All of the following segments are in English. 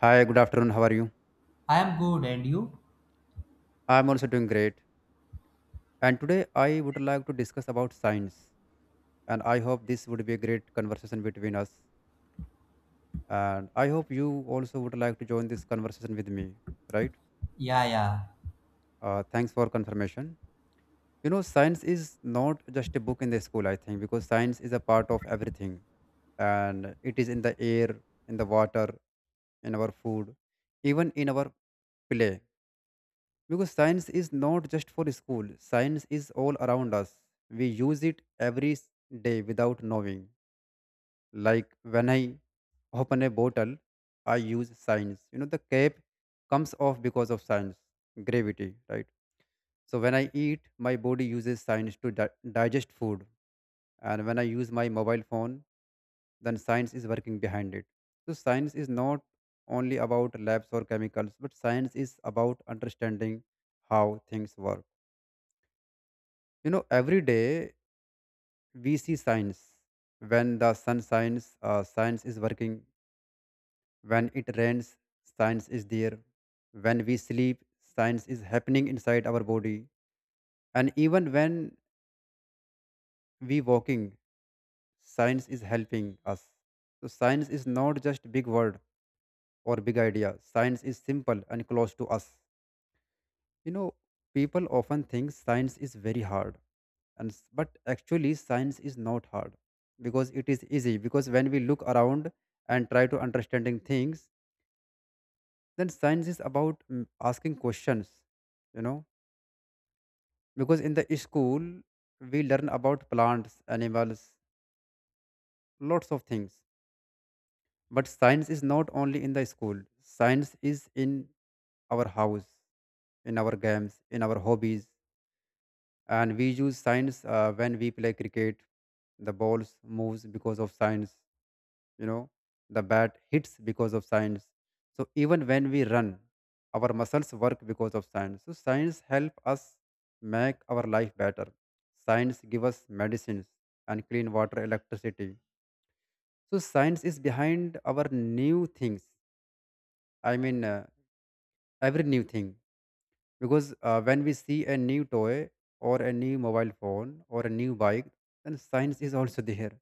Hi, good afternoon. How are you? I am good, and you? I'm also doing great. And today I would like to discuss about science. And I hope this would be a great conversation between us. And I hope you also would like to join this conversation with me, right? Yeah, yeah, Thanks for confirmation. You know, science is not just a book in the school, I think, because science is a part of everything. And it is in the air, in the water, in our food, even in our play. Because science is not just for school, science is all around us. We use it every day without knowing. Like when I open a bottle, I use science. You know, the cap comes off because of science, gravity, right? So when I eat, my body uses science to digest food. And when I use my mobile phone, then science is working behind it. So science is not only about labs or chemicals, but science is about understanding how things work. You know, every day we see signs. When the sun shines, science is working. When it rains, science is there. When we sleep, science is happening inside our body. And even when we walking, science is helping us. So science is not just big word or big idea. Science is simple and close to us. You know, people often think science is very hard but actually science is not hard because it is easy, because when we look around and try to understanding things, then science is about asking questions. You know, because in the school we learn about plants, animals, lots of things, but science is not only in the school. Science is in our house, in our games, in our hobbies, and we use science when we play cricket. The balls moves because of science, you know. The bat hits because of science. So even when we run, our muscles work because of science. So science help us make our life better. Science give us medicines and clean water, electricity. So science is behind our new things, I mean, every new thing, because when we see a new toy or a new mobile phone or a new bike, then science is also there.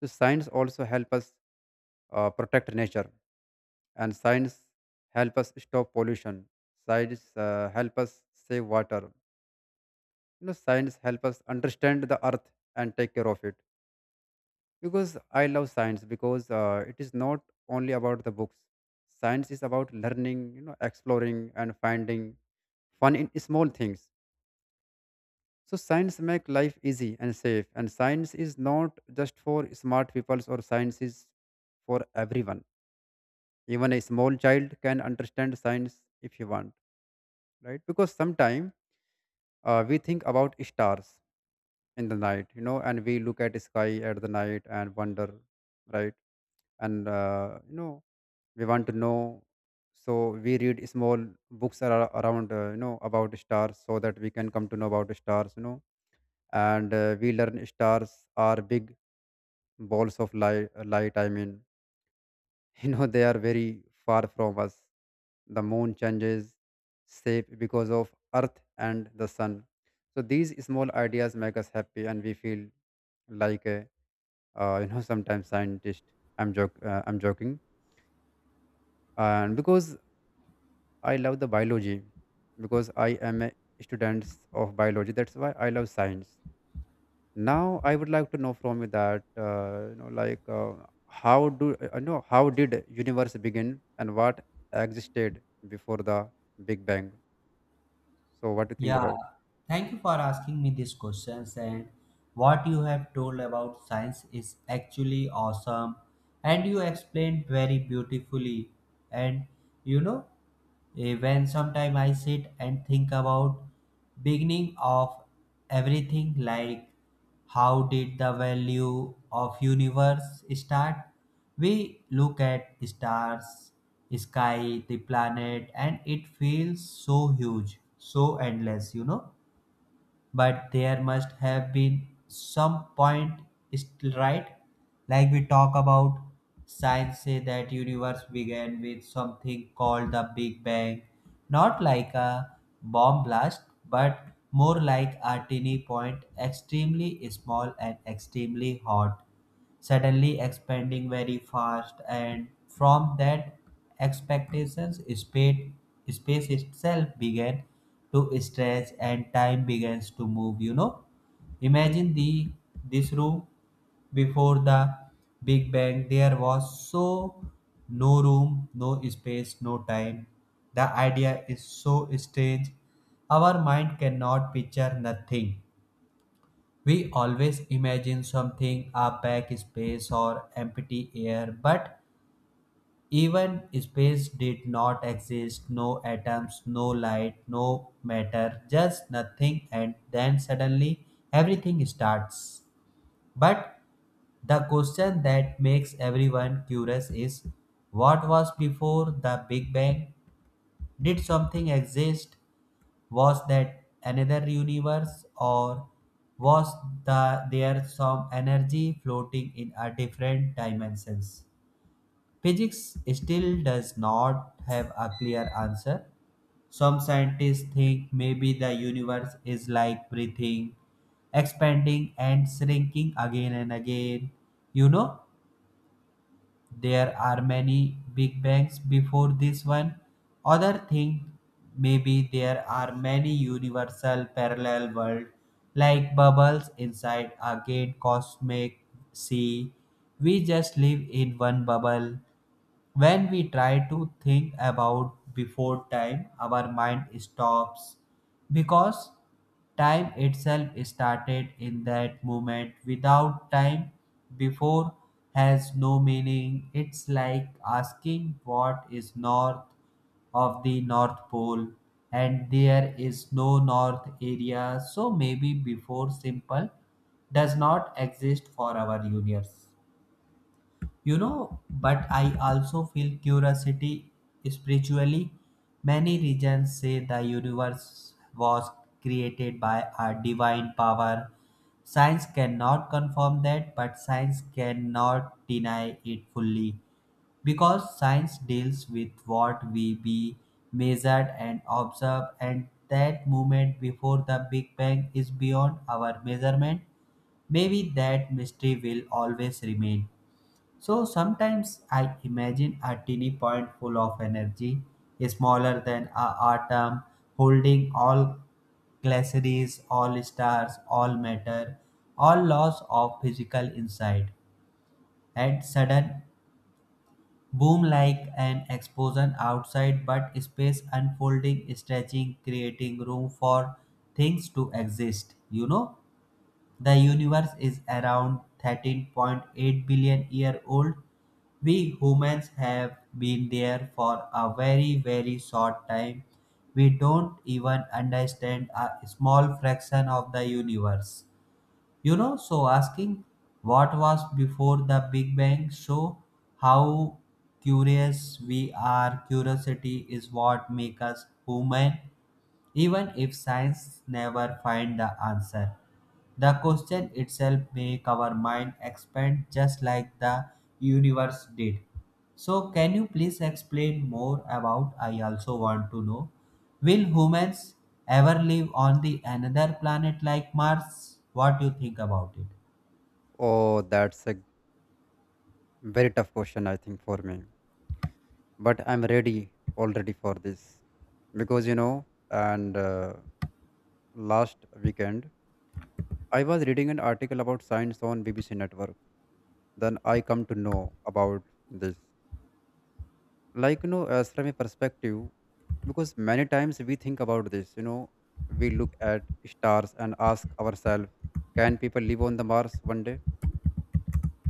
So science also help us protect nature, and science help us stop pollution. Science help us save water. You know, science help us understand the earth and take care of it. Because I love science, because it is not only about the books. Science is about learning, you know, exploring and finding fun in small things. So science make life easy and safe, and science is not just for smart people, or science is for everyone. Even a small child can understand science if he want, right? Because sometimes we think about stars in the night, you know, and we look at sky at the night and wonder, right? And you know, we want to know. So we read small books around, you know, about stars so that we can come to know about stars, you know, and we learn stars are big balls of light, light, I mean. You know, they are very far from us. The moon changes shape because of earth and the sun. So these small ideas make us happy and we feel like a you know, sometimes scientist. I'm joke, I'm joking. And because I love the biology, because I am a student of biology, that's why I love science. Now I would like to know from you that you know, like, how do know how did universe begin and what existed before the big bang? So what do you think yeah. about? Thank you for asking me these questions. And what you have told about science is actually awesome. And you explained very beautifully. And you know, when sometime I sit and think about beginning of everything, like how did the value of universe start? We look at stars, sky, the planet and it feels so huge, so endless, you know, but there must have been some point still, right? Like we talk about science, say that universe began with something called the big bang, not like a bomb blast, but more like a tiny point, extremely small and extremely hot, suddenly expanding very fast. And from that expectations space itself began to stretch and time begins to move, you know. Imagine the this room before the big bang. There was so no room, no space, no time. The idea is so strange. Our mind cannot picture nothing. We always imagine something, a packed space or empty air, but even space did not exist, no atoms, no light, no matter, just nothing, and then suddenly everything starts. But the question that makes everyone curious is, what was before the Big Bang? Did something exist? Was that another universe, or was there some energy floating in a different dimensions? Physics still does not have a clear answer. Some scientists think maybe the universe is like breathing, expanding and shrinking again and again. You know, there are many big bangs before this one. Other thing, maybe there are many universal parallel world like bubbles inside a great cosmic sea. We just live in one bubble. When we try to think about before time, our mind stops because time itself started in that moment. Without time, before has no meaning. It's like asking what is north of the North Pole, and there is no north area, so maybe before simple does not exist for our universe. You know, but I also feel curiosity spiritually. Many religions say the universe was created by a divine power. Science cannot confirm that, but science cannot deny it fully, because science deals with what we be measured and observed, and that moment before the big bang is beyond our measurement. Maybe that mystery will always remain. So sometimes I imagine a teeny point full of energy, smaller than a atom, holding all galaxies, all stars, all matter, all laws of physical inside. And sudden boom, like an explosion outside, but space unfolding, stretching, creating room for things to exist. You know. The universe is around 13.8 billion year old. We humans have been there for a very very short time. We don't even understand a small fraction of the universe. You know, so asking what was before the Big Bang show how curious we are. Curiosity is what makes us human. Even if science never find the answer, the question itself make our mind expand just like the universe did. So can you please explain more about, I also want to know, will humans ever live on the another planet like Mars? What do you think about it? Oh, that's a very tough question, I think, for me, but I'm ready already for this. Because you know, and last weekend I was reading an article about science on bbc network, then I come to know about this. Like you know, as from a perspective, because many times we think about this, you know, we look at stars and ask ourselves, can people live on the mars one day?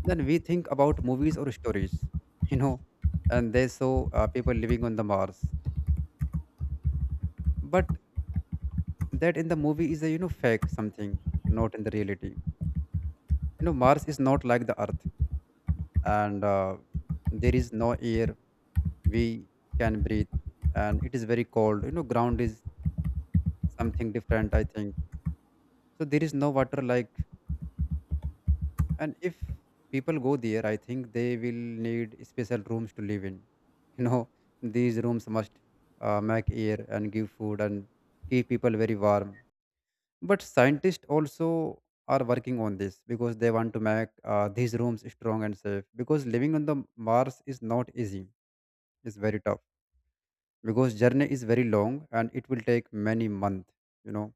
Then we think about movies or stories, you know, and they show people living on the mars. But that in the movie is a, you know, fake something, not in the reality. You know, mars is not like the earth, and there is no air we can breathe, and it is very cold. You know, ground is something different, I think. So there is no water like. And if people go there, I think they will need special rooms to live in. You know, these rooms must make air and give food and keep people very warm. But scientists also are working on this, because they want to make these rooms strong and safe, because living on the mars is not easy. It's very tough, because journey is very long and it will take many months. You know,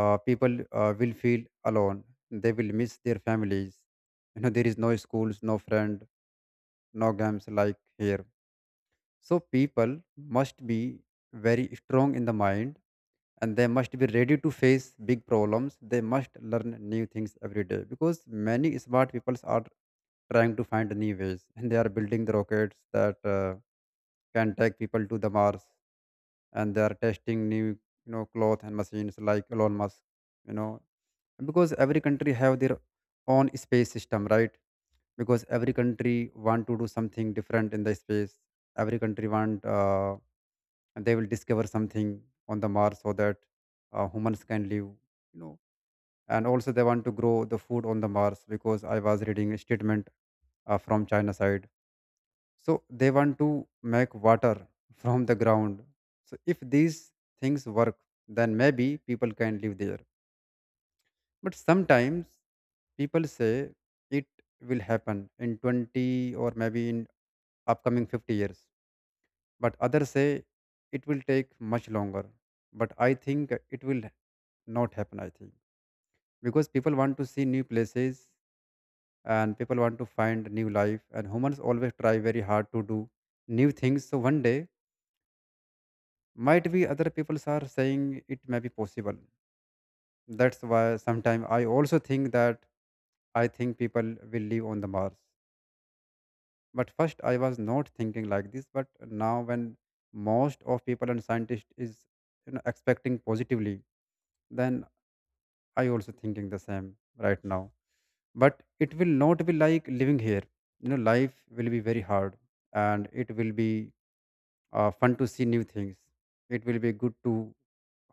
people will feel alone. They will miss their families. You know, there is no schools, no friend, no games like here. So people must be very strong in the mind, and they must be ready to face big problems. They must learn new things every day, because many smart people are trying to find new ways, and they are building the rockets that can take people to the Mars. And they are testing new, you know, cloth and machines like Elon Musk, you know, because every country have their own space system, right? Because every country want to do something different in the space. Every country want, they will discover something on the mars so that humans can live, you know. And also they want to grow the food on the mars, because I was reading a statement from china side. So they want to make water from the ground. So if these things work, then maybe people can live there. But sometimes people say it will happen in 20 or maybe in upcoming 50 years, but others say it will take much longer. But I think it will not happen, I think, because people want to see new places, and people want to find new life, and humans always try very hard to do new things. So one day, might be other people are saying, it may be possible. That's why sometimes I also think that I think people will live on the mars. But first I was not thinking like this, but now when most of people and scientists is, you know, expecting positively, then I also thinking the same right now. But it will not be like living here. You know, life will be very hard, and it will be fun to see new things. It will be good to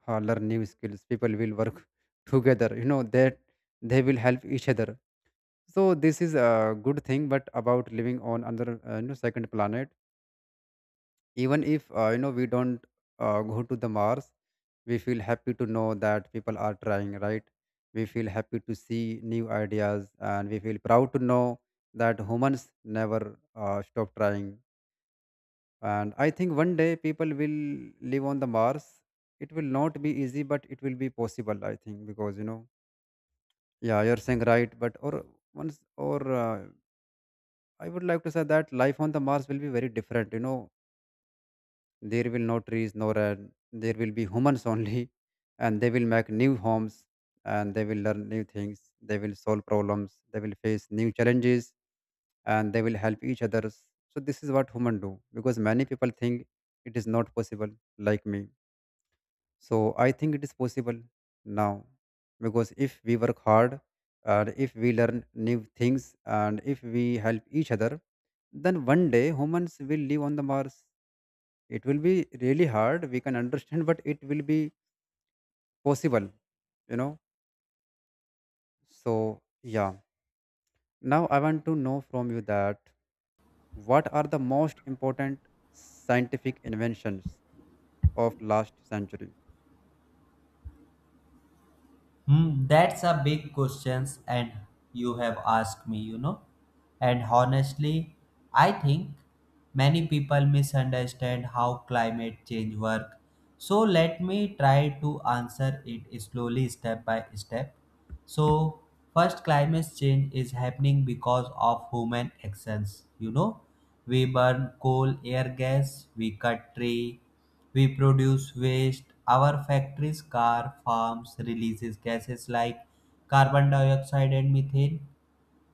learn new skills. People will work together, you know, that they will help each other. So this is a good thing. But about living on another, you know, second planet, even if you know, we don't go to the mars, we feel happy to know that people are trying, right? We feel happy to see new ideas, and we feel proud to know that humans never stop trying. And I think one day people will live on the mars. It will not be easy, but it will be possible, I think, because you know, yeah, you're saying right. But or once, or uh, I would like to say that life on the mars will be very different. You know, there will no trees, nor there will be humans only, and they will make new homes, and they will learn new things. They will solve problems. They will face new challenges, and they will help each others. So this is what human do, because many people think it is not possible, like me. So I think it is possible now, because if we work hard and if we learn new things and if we help each other, then one day humans will live on the Mars. It will be really hard. We can understand, but it will be possible, you know. So, yeah. Now, I want to know from you that what are the most important scientific inventions of last century? Hmm, that's a big questions, and you have asked me, you know. And honestly, I think many people misunderstand how climate change work. So let me try to answer it slowly, step by step. So first, climate change is happening because of human actions. You know, we burn coal, air gas, we cut tree, we produce waste. Our factories, car, farms releases gases like carbon dioxide and methane.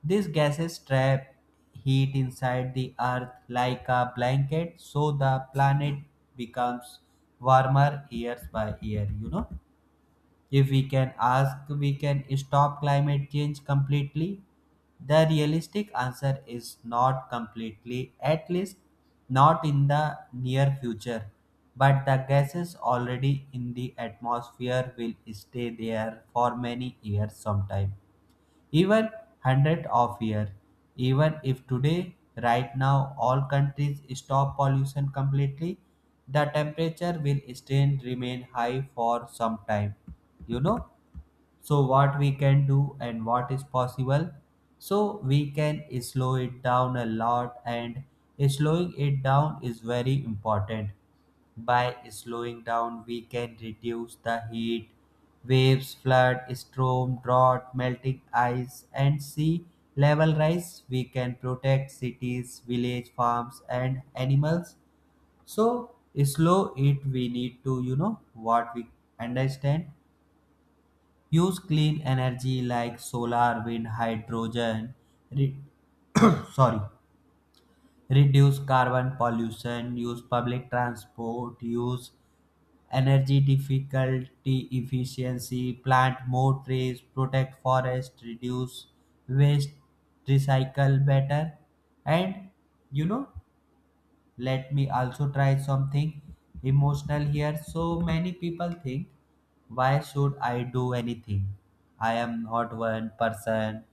These gases trap heat inside the earth like a blanket, so the planet becomes warmer years by year, you know. If we can ask, we can stop climate change completely. The realistic answer is not completely, at least not in the near future. But the gases already in the atmosphere will stay there for many years, sometime even hundred of years. Even if today, right now, all countries stop pollution completely, the temperature will still remain high for some time. You know, so what we can do and what is possible, so we can slow it down a lot, and slowing it down is very important. By slowing down, we can reduce the heat waves, flood, storm, drought, melting ice and sea level rise. We can protect cities, village, farms, and animals. So slow it, we need to, you know, what we understand. Use clean energy like solar, wind, hydrogen. Re- sorry, reduce carbon pollution. Use public transport. Use energy difficulty efficiency. Plant more trees. Protect forest. Reduce waste. Recycle better. And, you know, let me also try something emotional here. So many people think, why should I do anything? I am not one person.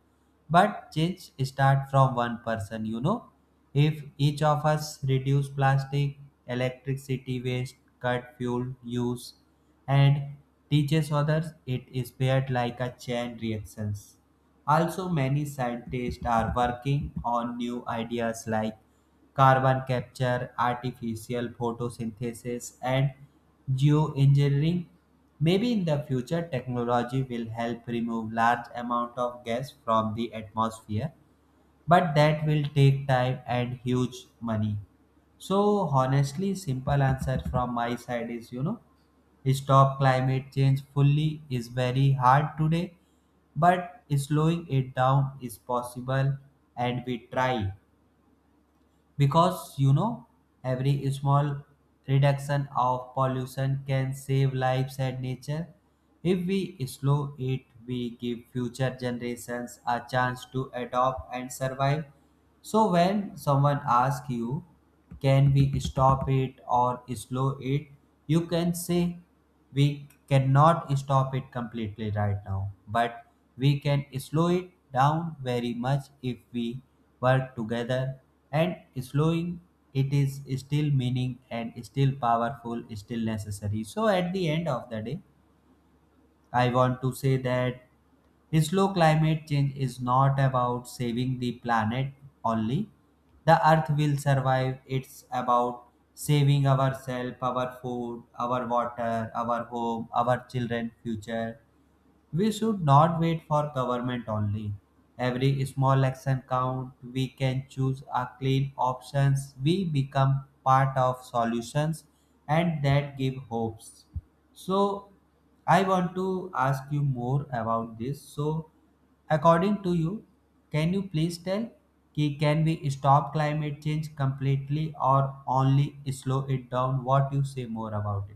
But change start from one person, you know. If each of us reduce plastic, electricity waste, cut fuel use, and teaches others, it is paired like a chain reactions. Also, many scientists are working on new ideas like carbon capture, artificial photosynthesis, and geoengineering. Maybe in the future, technology will help remove large amount of gas from the atmosphere, but that will take time and huge money. So honestly, simple answer from my side is, you know, stop climate change fully is very hard today, but slowing it down is possible and we try, because you know, every small reduction of pollution can save lives and nature. If we slow it, we give future generations a chance to adopt and survive. So when someone asks you, can we stop it or slow it, you can say we cannot stop it completely right now, but we can slow it down very much if we work together. And slowing it is still meaning and still powerful, still necessary. So at the end of the day, I want to say that slow climate change is not about saving the planet only. The earth will survive. It's about saving ourselves, our food, our water, our home, our children' future. We should not wait for government only. Every small action count. We can choose a clean options. We become part of solutions, and that give hopes. So I want to ask you more about this. So according to you, can you please tell कि can we stop climate change completely or only slow it down? What you say more about it?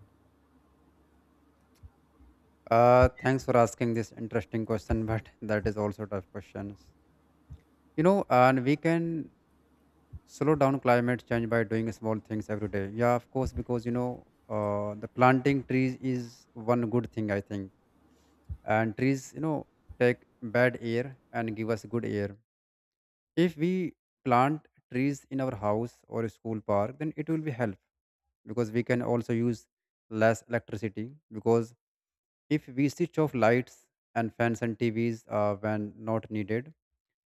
Thanks for asking this interesting question, but that is also tough questions. You know, and we can slow down climate change by doing small things every day. Yeah, of course, because the planting trees is one good thing, I think, and trees take bad air and give us good air. If we plant trees in our house or school park, then it will be help because we can also use less electricity. Because if we switch off lights and fans and tvs when not needed,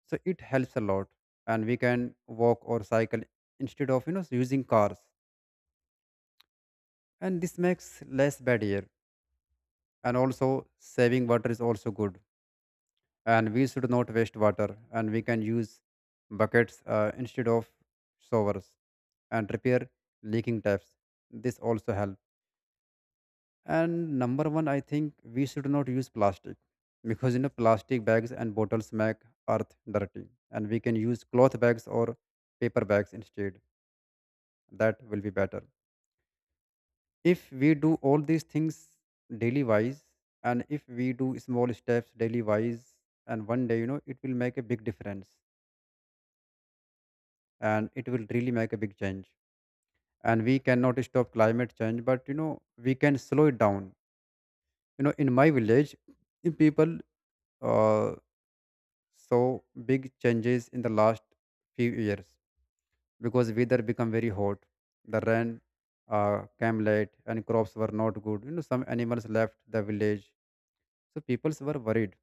so it helps a lot. And we can walk or cycle instead of using cars, and this makes less bad air. And also saving water is also good, and we should not waste water, and we can use buckets instead of showers, and repair leaking taps. This also helps. And number one, I think we should not use plastic because plastic bags and bottles make earth dirty, and we can use cloth bags or paper bags instead. That will be better. If we do all these things daily wise, and if we do small steps daily wise, and one day, it will make a big difference, and it will really make a big change. And we cannot stop climate change, but we can slow it down. You know, in my village, the people uh, saw big changes in the last few years because weather become very hot. The rain came late and crops were not good. You know, some animals left the village, so people were worried.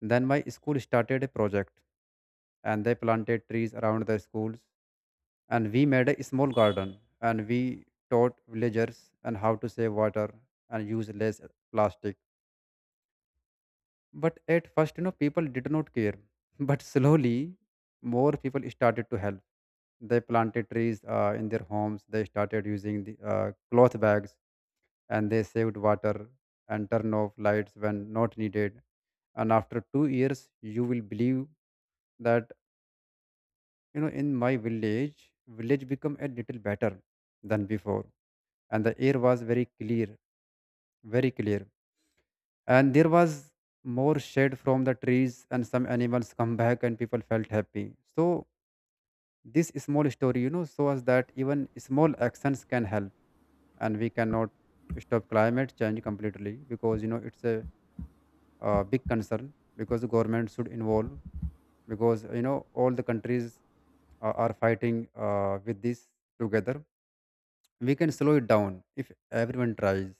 Then my school started a project, and they planted trees around the schools, and we made a small garden, and we taught villagers and how to save water and use less plastic. But at first, people did not care. But slowly more people started to help. They planted trees in their homes. They started using the cloth bags, and they saved water and turned off lights when not needed. And after 2 years, you will believe that, you know, in my village, village become a little better than before, and the air was very clear, very clear. And there was more shade from the trees, and some animals come back, and people felt happy. So this small story, shows that even small actions can help, and we cannot stop climate change completely because it's a big concern because the government should involve because all the countries are fighting with this together. We can slow it down if everyone tries.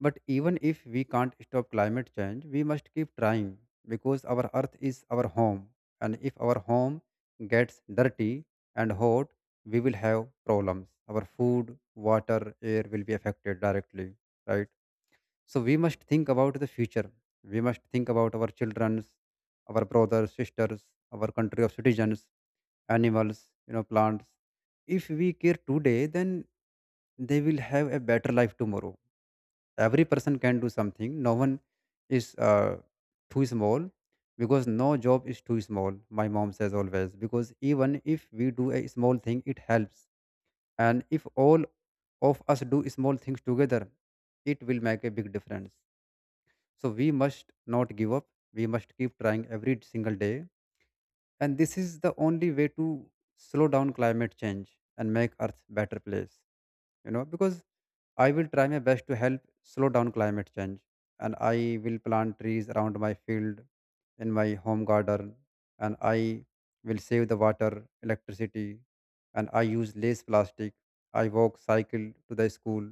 But even if we can't stop climate change, we must keep trying because our earth is our home. And if our home gets dirty and hot, we will have problems. Our food, water, air will be affected directly, right? So we must think about the future. We must think about our children, our brothers, sisters, our country of citizens, animals, plants. If we care today, then they will have a better life tomorrow. Every person can do something. No one is too small because no job is too small. My mom says always because even if we do a small thing, it helps. And if all of us do small things together, it will make a big difference. So we must not give up. We must keep trying every single day, and this is the only way to slow down climate change and make earth better place because I will try my best to help slow down climate change. And I will plant trees around my field, in my home garden, and I will save the water, electricity, and I use less plastic. I walk, cycle to the school.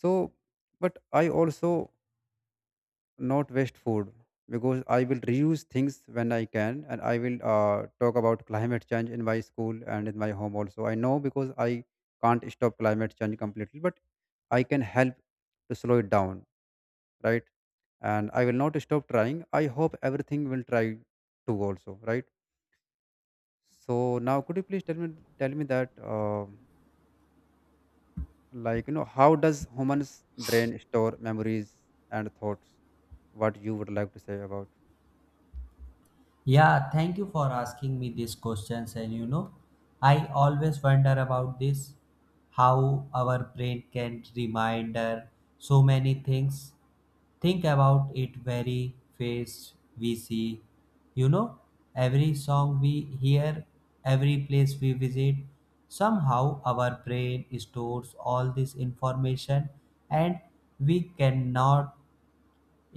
So but I also not waste food because I will reuse things when I can, and I will talk about climate change in my school and in my home also. I know because I can't stop climate change completely, but I can help to slow it down, right? And I will not stop trying. I hope everything will try to also, right? So now, could you please tell me that, how does humans brain store memories and thoughts? What you would like to say about? Yeah, thank you for asking me these questions. And you know, I always wonder about this, how our brain can remind so many things. Think about it, very face we see. You know, every song we hear, every place we visit, somehow our brain stores all this information, and we cannot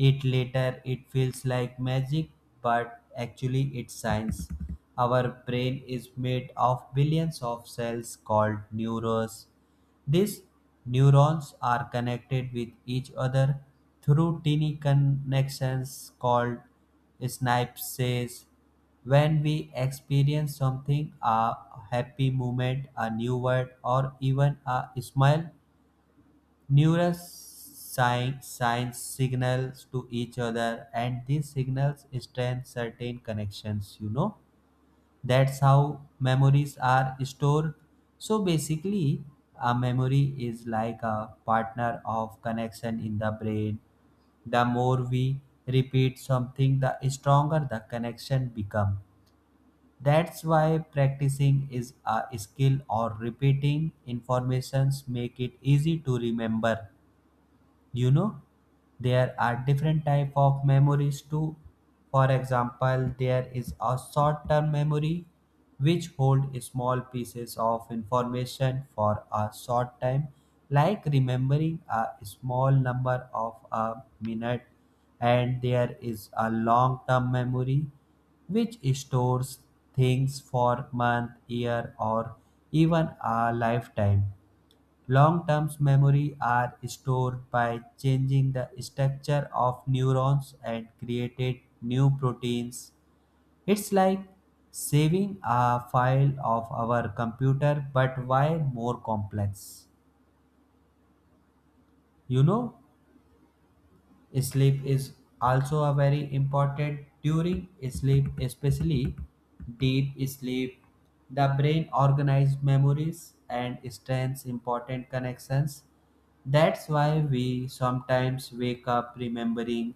it later. It feels like magic, but actually it's science. Our brain is made of billions of cells called neurons. These neurons are connected with each other through tiny connections called synapses. When we experience something, a happy moment, a new word, or even a smile, neuroscience science signals to each other, and these signals strengthen certain connections. You know, that's how memories are stored. So basically, a memory is like a partner of connection in the brain. The more we repeat something, the stronger the connection becomes. That's why practicing is a skill or repeating informations make it easy to remember. You know, there are different type of memories too. For example, there is a short term memory which hold small pieces of information for a short time, like remembering a small number of a minute. And there is a long term memory which stores things for month, year, or even a lifetime. Long-term memory are stored by changing the structure of neurons and created new proteins. It's like saving a file of our computer, but why more complex. You know, sleep is also a very important. During sleep, especially deep sleep, the brain organizes memories and strengthens important connections. That's why we sometimes wake up remembering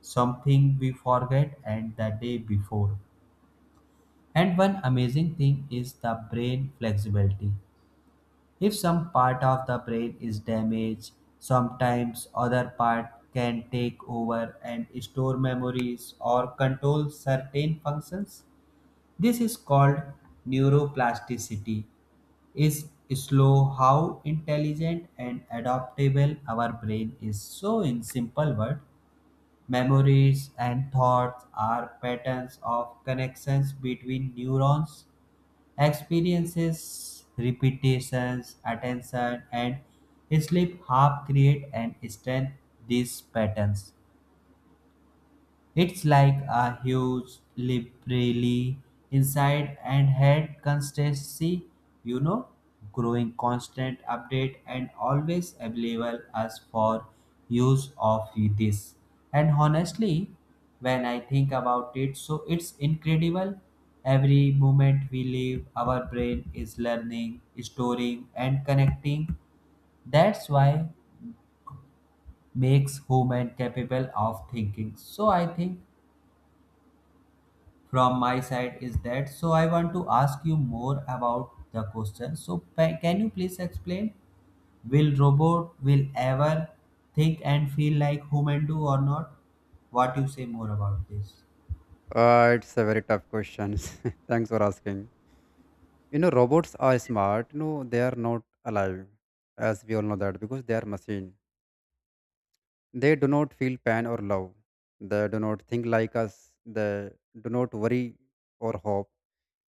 something we forget and the day before. And one amazing thing is the brain flexibility. If some part of the brain is damaged, sometimes other part can take over and store memories or control certain functions. This is called neuroplasticity. Is slow how intelligent and adaptable our brain is. So in simple word, memories and thoughts are patterns of connections between neurons. Experiences, repetitions, attention, and sleep have create and strengthen these patterns. It's like a huge library inside and had constancy, you know, growing constant update and always available as for use of this. And honestly, when I think about it, so it's incredible. Every moment we live, our brain is learning, storing, and connecting. That's why makes human capable of thinking. So I think from my side is that, so I want to ask you more about the question. So can you please explain, will robot will ever think and feel like human do or not? What you say more about this? It's a very tough question. Thanks for asking. You know, robots are smart. No, they are not alive, as we all know that, because they are machine. They do not feel pain or love. They do not think like us. They do not worry or hope.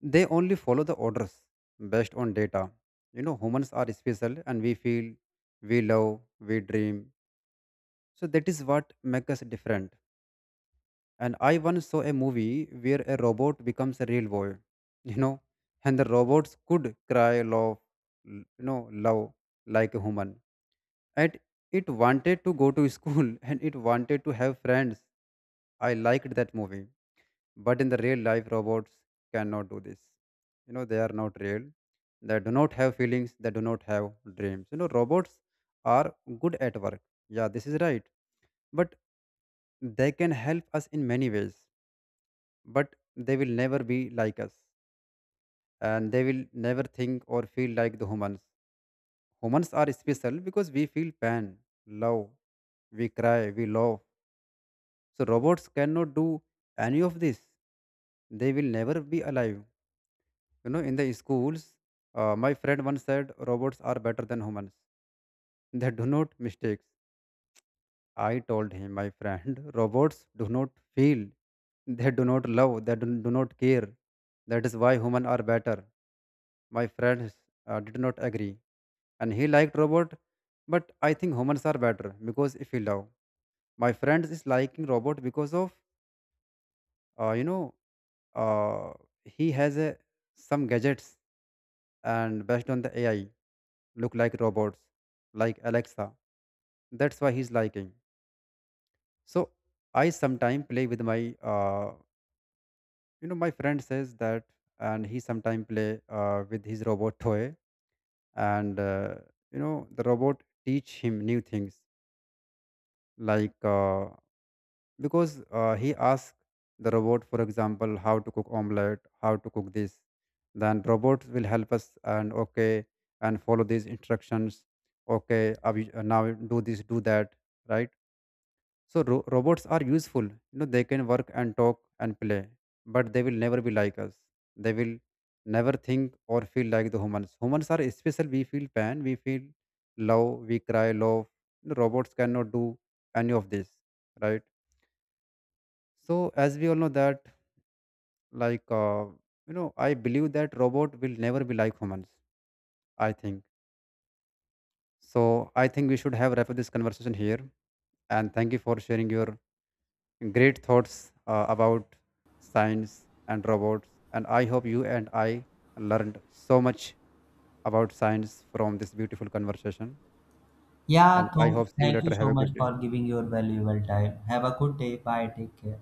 They only follow the orders based on data. You know, humans are special, and we feel, we love, we dream. So that is what makes us different. And I once saw a movie where a robot becomes a real boy, you know, and the robots could cry, love, love like a human. And it wanted to go to school and it wanted to have friends. I liked that movie. But in the real life, robots cannot do this. You know, they are not real. They do not have feelings. They do not have dreams. You know, robots are good at work. Yeah, this is right. But they can help us in many ways, but they will never be like us, and they will never think or feel like the humans. Humans are special because we feel pain, love, we cry, we love. So robots cannot do any of this. They will never be alive. You know, in the schools, my friend once said robots are better than humans. They do not mistakes. I told him, my friend, robots do not feel. They do not love. They do not care. That is why humans are better. My friends did not agree, and he liked robot, but I think humans are better because if you love. My friends is liking robot because of uh, you know uh, he has a, some gadgets and based on the AI, look like robots like Alexa. That's why he's liking. So I sometime play with my my friend says that, and he sometime play with his robot toy, and the robot teach him new things like because he asked the robot, for example, how to cook omelette, how to cook this. Then robot will help us, and okay, and follow these instructions. Okay, now do this, do that, right? So robots are useful. You know, they can work and talk and play, but they will never be like us. They will never think or feel like the humans. Humans are special. We feel pain, we feel love, we cry, love. The robots cannot do any of this, right? So as we all know that, like uh, I believe that robot will never be like humans. I think so. I think we should have wrap up this conversation here, and thank you for sharing your great thoughts about science and robots, and I hope you and I learned so much about science from this beautiful conversation. Yeah And I Tom, hope see you thank you later. Have so a much good day. for giving your valuable time. Have a good day. Bye, take care.